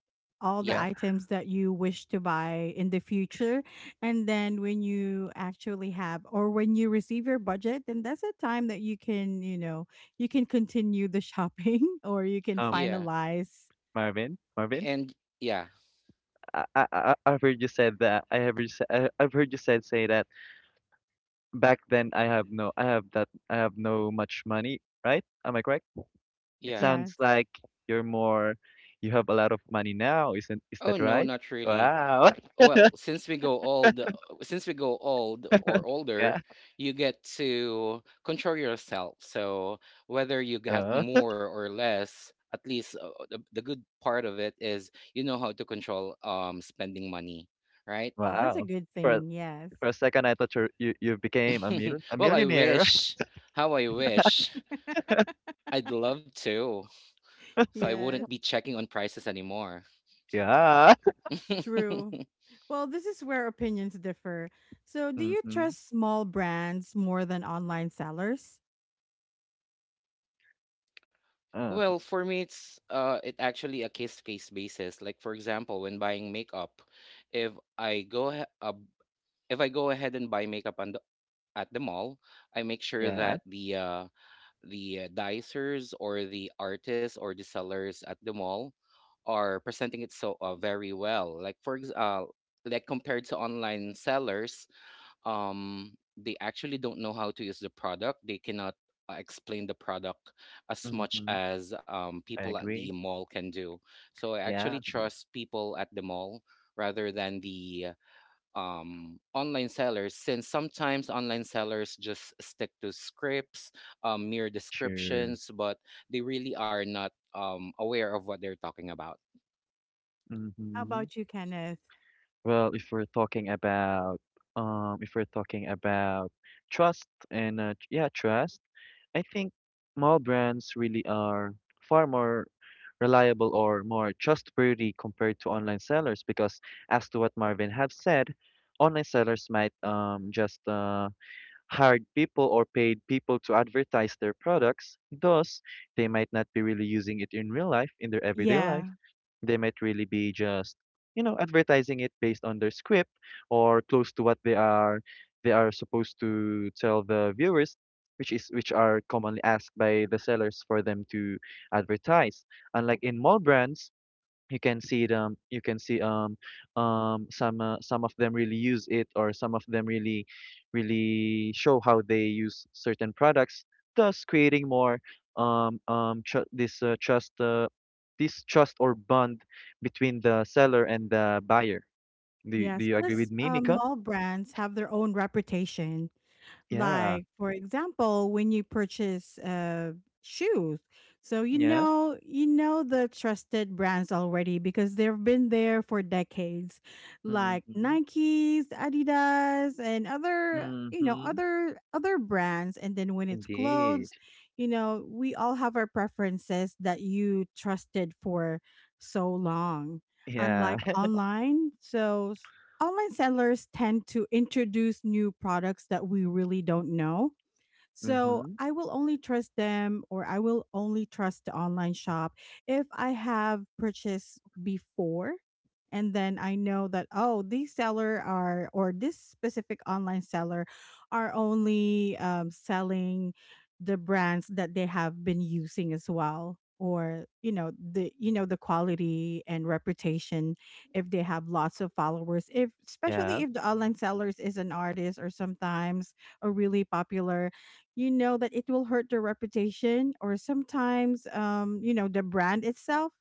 all the yeah. Yeah. items that you wish to buy in the future. And then when you actually have or when you receive your budget, then that's a time that you can, you know, you can continue the shopping or you can Um, Yeah, finalize. Marvin. Marvin. and yeah. I've heard you said that. I have heard, I've heard you said say that back then I have no much money, right? Am I correct? It Yeah. sounds Yes. like you're more you have a lot of money now, isn't is Oh that no, right? not really. Wow. well since we go old since we go old or older, Yeah. you get to control yourself. So whether you got Uh, more or less, at least the good part of it is you know how to control spending money, right? Well, that's a wow. good For a- thing. Yes. for a second I thought you became a mil a well I millionaire. wish. How I wish. I'd love to, so I wouldn't Yes. be checking on prices anymore. Yeah. True. Well, this is where opinions differ. So, do you Mm-hmm. trust small brands more than online sellers? Um, Well, for me, it's it actually a case to case basis. Like for example, when buying makeup, if I go ahe- uh, if I go ahead and buy makeup on the, at the mall, I make sure yeah. that the dicers or the artists or the sellers at the mall are presenting it so very well. Like compared to online sellers, they actually don't know how to use the product. They cannot explain the product as much Mm-hmm. as I people at the agree. mall can do. So I actually Yeah. trust people at the mall rather than the online sellers, since sometimes online sellers just stick to scripts, mere Sure. descriptions, but they really are not aware of what they're talking about. How Mm-hmm. about you, Kenneth? Well, if we're talking about um, if we're talking about trust and yeah, trust, I think mall brands really are far more reliable or more trustworthy compared to online sellers because as to what Marvin have said, online sellers might just hired people or paid people to advertise their products. Thus, they might not be really using it in real life, in their everyday Yeah. life. They might really be just, you know, advertising it based on their script or close to what they are supposed to tell the viewers, which are commonly asked by the sellers for them to advertise. Unlike in mall brands, you can see some of them really use it or some of them really show how they use certain products thus creating more tr- this trust, this trust or bond between the seller and the buyer. Do Yes. you agree with Plus, me, Nika? small brands have their own reputation. Yeah, Like, for example, when you purchase shoes, so you yeah. know, you know the trusted brands already because they've been there for decades, like Mhm. Nikes, Adidas, and other, you know, Mhm. other other brands. And then when it's Indeed. clothes, you know we all have our preferences that you trusted for so long, Yeah. unlike online. So online sellers tend to introduce new products that we really don't know, so Mhm. I will only trust them, or I will only trust the online shop if I have purchased before, and then I know that, oh, these seller are or this specific online seller are only selling the brands that they have been using as well, or you know the the quality and reputation, if they have lots of followers, if Yeah. especially if the online sellers is an artist, or sometimes or really popular, you know that it will hurt their reputation. Or sometimes you know the brand itself,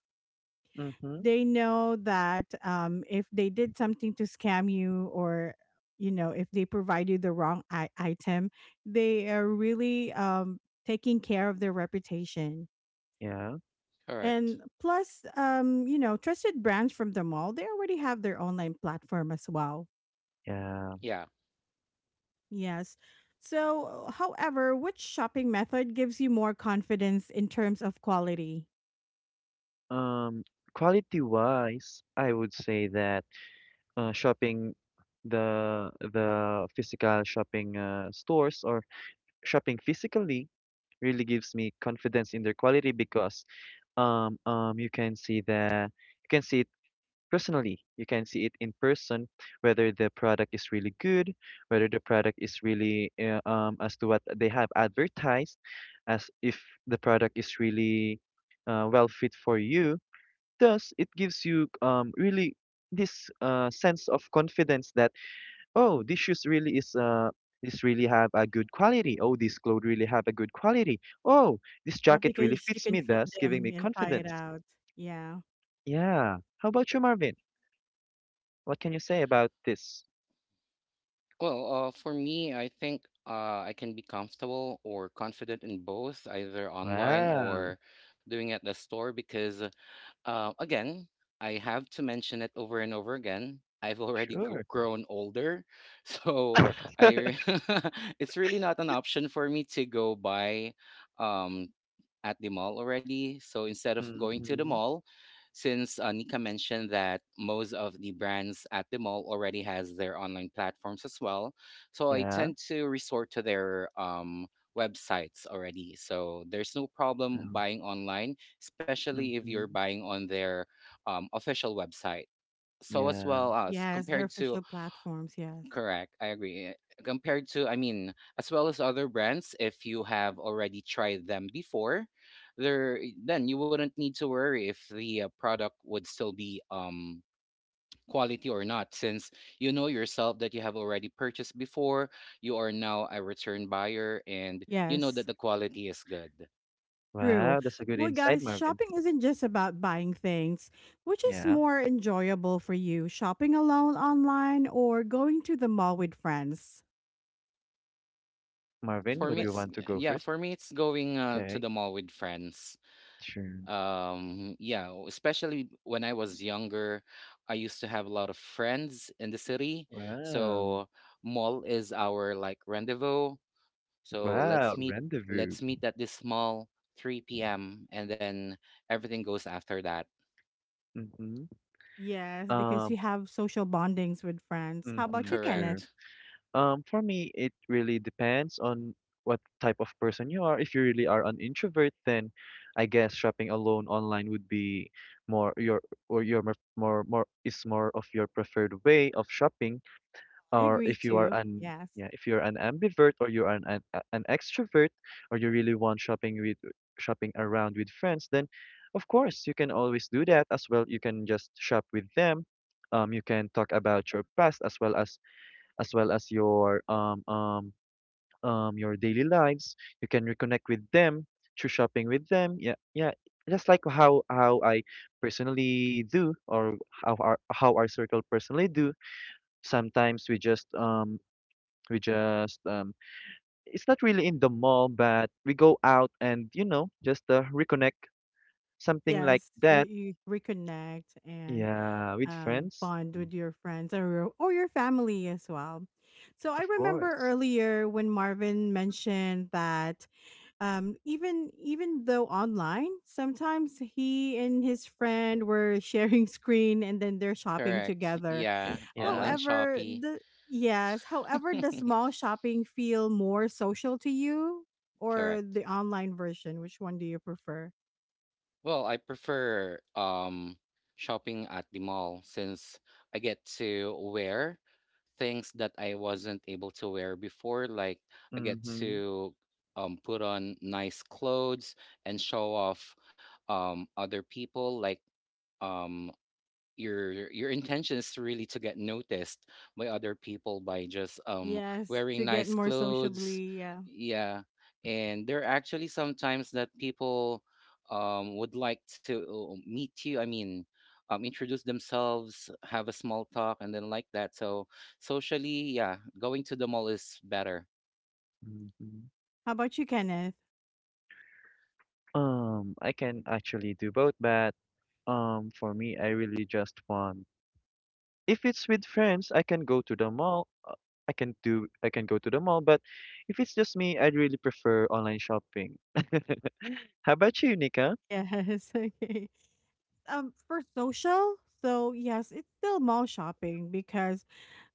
Mhm. they know that if they did something to scam you, or you know if they provide you the wrong item, they are really taking care of their reputation. Yeah, Correct. And plus you know trusted brands from the mall, they already have their online platform as well. yeah. Yeah. Yes. So however, which shopping method gives you more confidence in terms of quality? Um, quality wise, I would say that shopping, the physical shopping stores or shopping physically really gives me confidence in their quality because you can see the you can see it personally. You can see it in person, whether the product is really good, whether the product is really as to what they have advertised, as if the product is really well fit for you. Thus, it gives you, really, this sense of confidence that, oh, this shoes really is this really have a good quality. Oh, this clothes really have a good quality. Oh, this Yeah, jacket really because you fits can me. fit Thus, giving them me and try it confidence. out. Yeah. Yeah. How about you, Marvin? What can you say about this? Well, for me, I think I can be comfortable or confident in both, either online Wow. or doing at the store, because Again, I have to mention it over and over again, I've already gr- Sure. grown older, so I re- it's really not an option for me to go buy um, at the mall already. So instead of going to the Mm-hmm. mall, since Nika mentioned that most of the brands at the mall already has their online platforms as well, so I Yeah. tend to resort to their websites already. So there's no problem buying online, especially if you're Mm-hmm. buying on their official website. So as Yeah. well as Yes, they're compared to, official platforms. Yes. correct, I agree. I mean, as well as other brands, if you have already tried them before, then you wouldn't need to worry if the product would still be quality or not, since you know yourself that you have already purchased before. You are now a return buyer and you know that Yes. the quality is good. True. Wow, that's a good Well, insight, guys, Marvin. shopping isn't just about buying things. Which is Yeah. more enjoyable for you, shopping alone online or going to the mall with friends? Marvin, For me would Le- you it's, want to go yeah, first? for me it's going to Okay. the mall with friends. Sure. Yeah, especially when I was younger, I used to have a lot of friends in the city. Wow. So mall is our like rendezvous. so let's Wow, meet rendezvous. let's meet at this mall 3 p.m., and then everything goes after that. Mm-hmm. Yes, because Um, you have social bondings with friends. How about mm-hmm, you, Kenneth? sure. Correct. For me, it really depends on what type of person you are. If you really are an introvert, then I guess shopping alone online would be more your or your mer- more more is more of your preferred way of shopping. I Or agree if you are too. an, Yes. yeah, if you're an ambivert or you're an a- an extrovert, or you really want shopping around with friends, then of course you can always do that as well. You can just shop with them. You can talk about your past, as well as as well as your um um your daily lives. You can reconnect with them through shopping with them. Yeah, yeah, just like how I personally do, or how our circle personally do. Sometimes we just we just um, it's not really in the mall, but we go out and, you know, just reconnect, something like Yes. that. Reconnect and Yeah, with friends. bond Mm. with your friends or or your family as well. So I Of remember course. earlier when Marvin mentioned that, even though online, sometimes he and his friend were sharing screen and then they're shopping Correct. together. Yeah, Yeah. online However, Shopee. the Yes, however, does small shopping feel more social to you, or correct. the online version? Which one do you prefer? Well, I prefer shopping at the mall, since I get to wear things that I wasn't able to wear before. Like, I get Mm-hmm. to put on nice clothes and show off other people. Like, um, your intention is really to get noticed by other people by just Yes, wearing to get nice more clothes. sociably. Yeah. Yeah. And there are actually sometimes that people would like to, oh, meet you, introduce themselves, have a small talk and then like that. So socially, yeah, going to the mall is better. Mm-hmm. How about you, Kenneth? I can actually do both, but for me, I really just want. If it's with friends, I can go to the mall. I can do. I can go to the mall, but if it's just me, I'd really prefer online shopping. How about you, Nika? Yes, okay. For social, so yes, it's still mall shopping because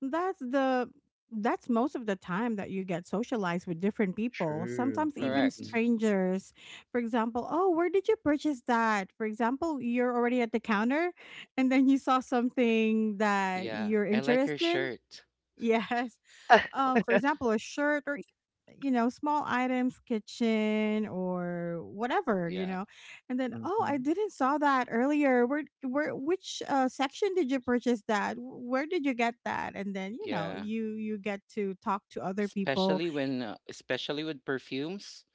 that's the that's most of the time that you get socialized with different people, True. sometimes Hmm. even Correct. strangers. For example, oh, where did you purchase that? For example, you're already at the counter and then you saw something that Yeah, you're I like interested your in. shirt. Yes, for example, a shirt or you know small items, kitchen or whatever, you Yeah. know, and then, oh, I Mhm. didn't saw that earlier. Where which section did you purchase that? Where did you get that? And then you know Yeah, you get to talk to other people. especially when especially with perfumes.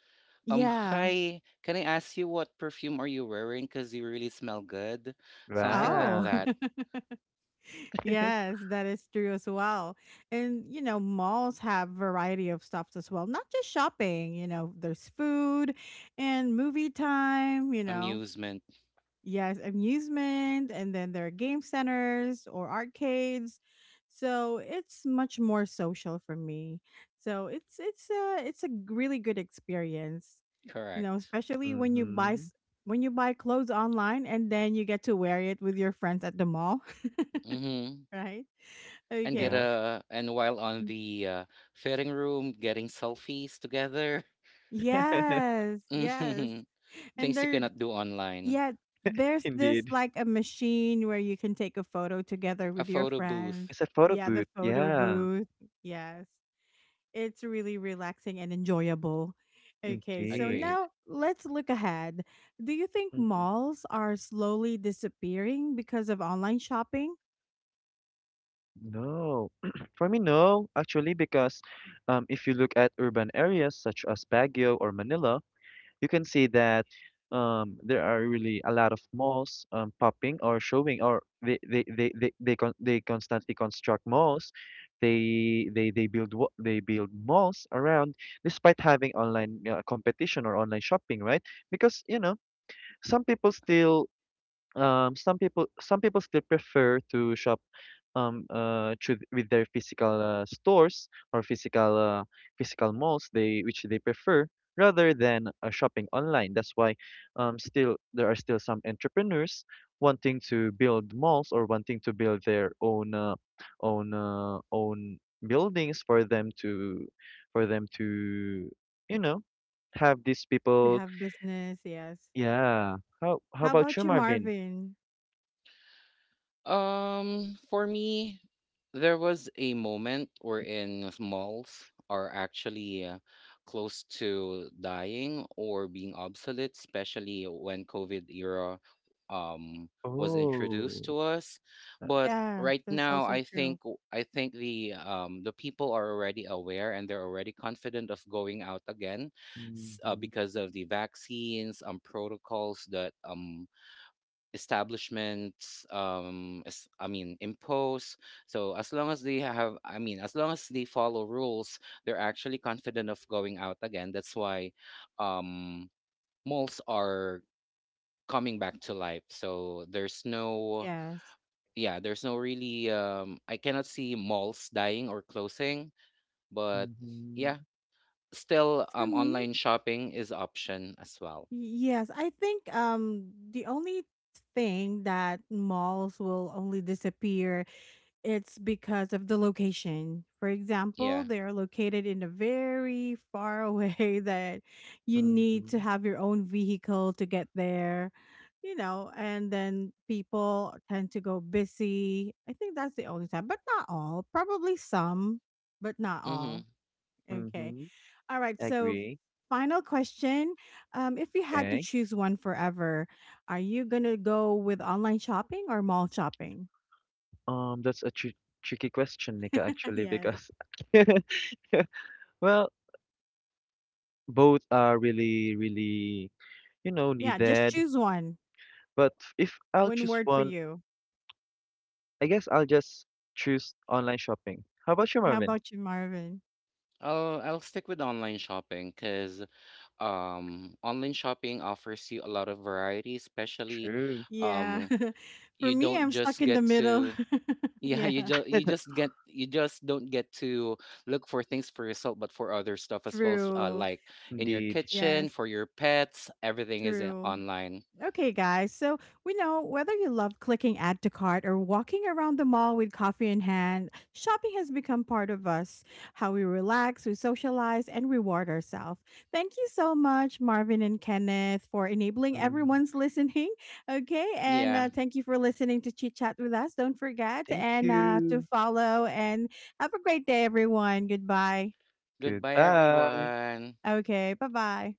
Yeah. Hi, can I ask you what perfume are you wearing? Because you really smell good. Something like Oh, Wow. that. yes, that is true as well. And you know, malls have variety of stuff as well, not just shopping. You know, there's food, and movie time, you know, Amusement, yes, amusement, and then there are game centers or arcades. So it's much more social for me. So really good experience, you know, correct. especially when you buy Mhm. When you buy clothes online and then you get to wear it with your friends at the mall, Mm-hmm. right? And get Okay. Yeah. a, and while on the fitting room, getting selfies together. Yes, yes. hmm. And Things you there. cannot do online. Yeah, there's this Indeed. like a machine where you can take a photo together A with your photo friends. booth, It's a photo Yeah, the booth. photo Yeah. booth. Yes, it's really relaxing and enjoyable. Okay, so agree. Indeed. now let's look ahead. Do you think Mhm. malls are slowly disappearing because of online shopping, No. For me, no, actually, because if you look at urban areas such as Baguio or Manila, you can see that there are really a lot of malls popping or showing, or they constantly construct malls. They build malls around despite having online competition or online shopping, right? Because, you know, some people still some people still prefer to shop with their physical stores or physical malls they which they prefer, rather than shopping online. That's why still there are still some entrepreneurs wanting to build malls or wanting to build their own own buildings for them to for them to you know, have these to people. have business? Yes. Yeah. How How about about you, you, Marvin? Marvin? For me, there was a moment wherein malls are actually close to dying or being obsolete, especially when COVID era um was introduced Oh. to us. But Nice. Yeah, right that's now, also true. I think the people are already aware and they're already confident of going out again, Hmm. because of the vaccines protocols that establishments I mean impose. So as long as they have, I mean as long as they follow rules, they're actually confident of going out again. That's why um malls are coming back to life. So there's no, Yes. yeah, there's no really, I cannot see malls dying or closing, but Hmm. yeah, still For me, online shopping is option as well. yes, I think the only thing that malls will only disappear, it's because of the location. For example, Yeah. they are located in a very far away that you need to Mhm, have your own vehicle to get there, you know, and then people tend to go busy. I think that's the only time, but not all. Probably some, but not all. Mm-hmm. Okay. mhm. All right. So, Agree. final question. If you had to Okay. choose one forever, are you going to go with online shopping or mall shopping? That's a tr tricky question, Nika, actually, Yes. because well, both are really, really, you know, Yeah, just needed. choose one. But if I'll One choose word for one, you. I guess I'll just choose online shopping. How about you, How Marvin? about you, Marvin? I'll stick with online shopping because online shopping offers you a lot of variety, especially True, Yeah. um, For you me, don't I'm stuck just in the get middle. to, yeah, you Yeah. just you just get you just don't get to look for things for yourself but for other stuff as well. True. Like, in your indeed. kitchen, Yes. for your pets, everything is in- True. online. Okay, guys. So we know, whether you love clicking add to cart or walking around the mall with coffee in hand, shopping has become part of us, how we relax, we socialize, and reward ourselves. Thank you so much, Marvin and Kenneth, for enabling Mm, everyone's listening. Okay. And Yeah. Thank you for listening to Chit Chat with us. Don't forget thank and to you. follow. And have a great day, everyone. Goodbye. Goodbye Goodbye. everyone. Okay. Bye bye.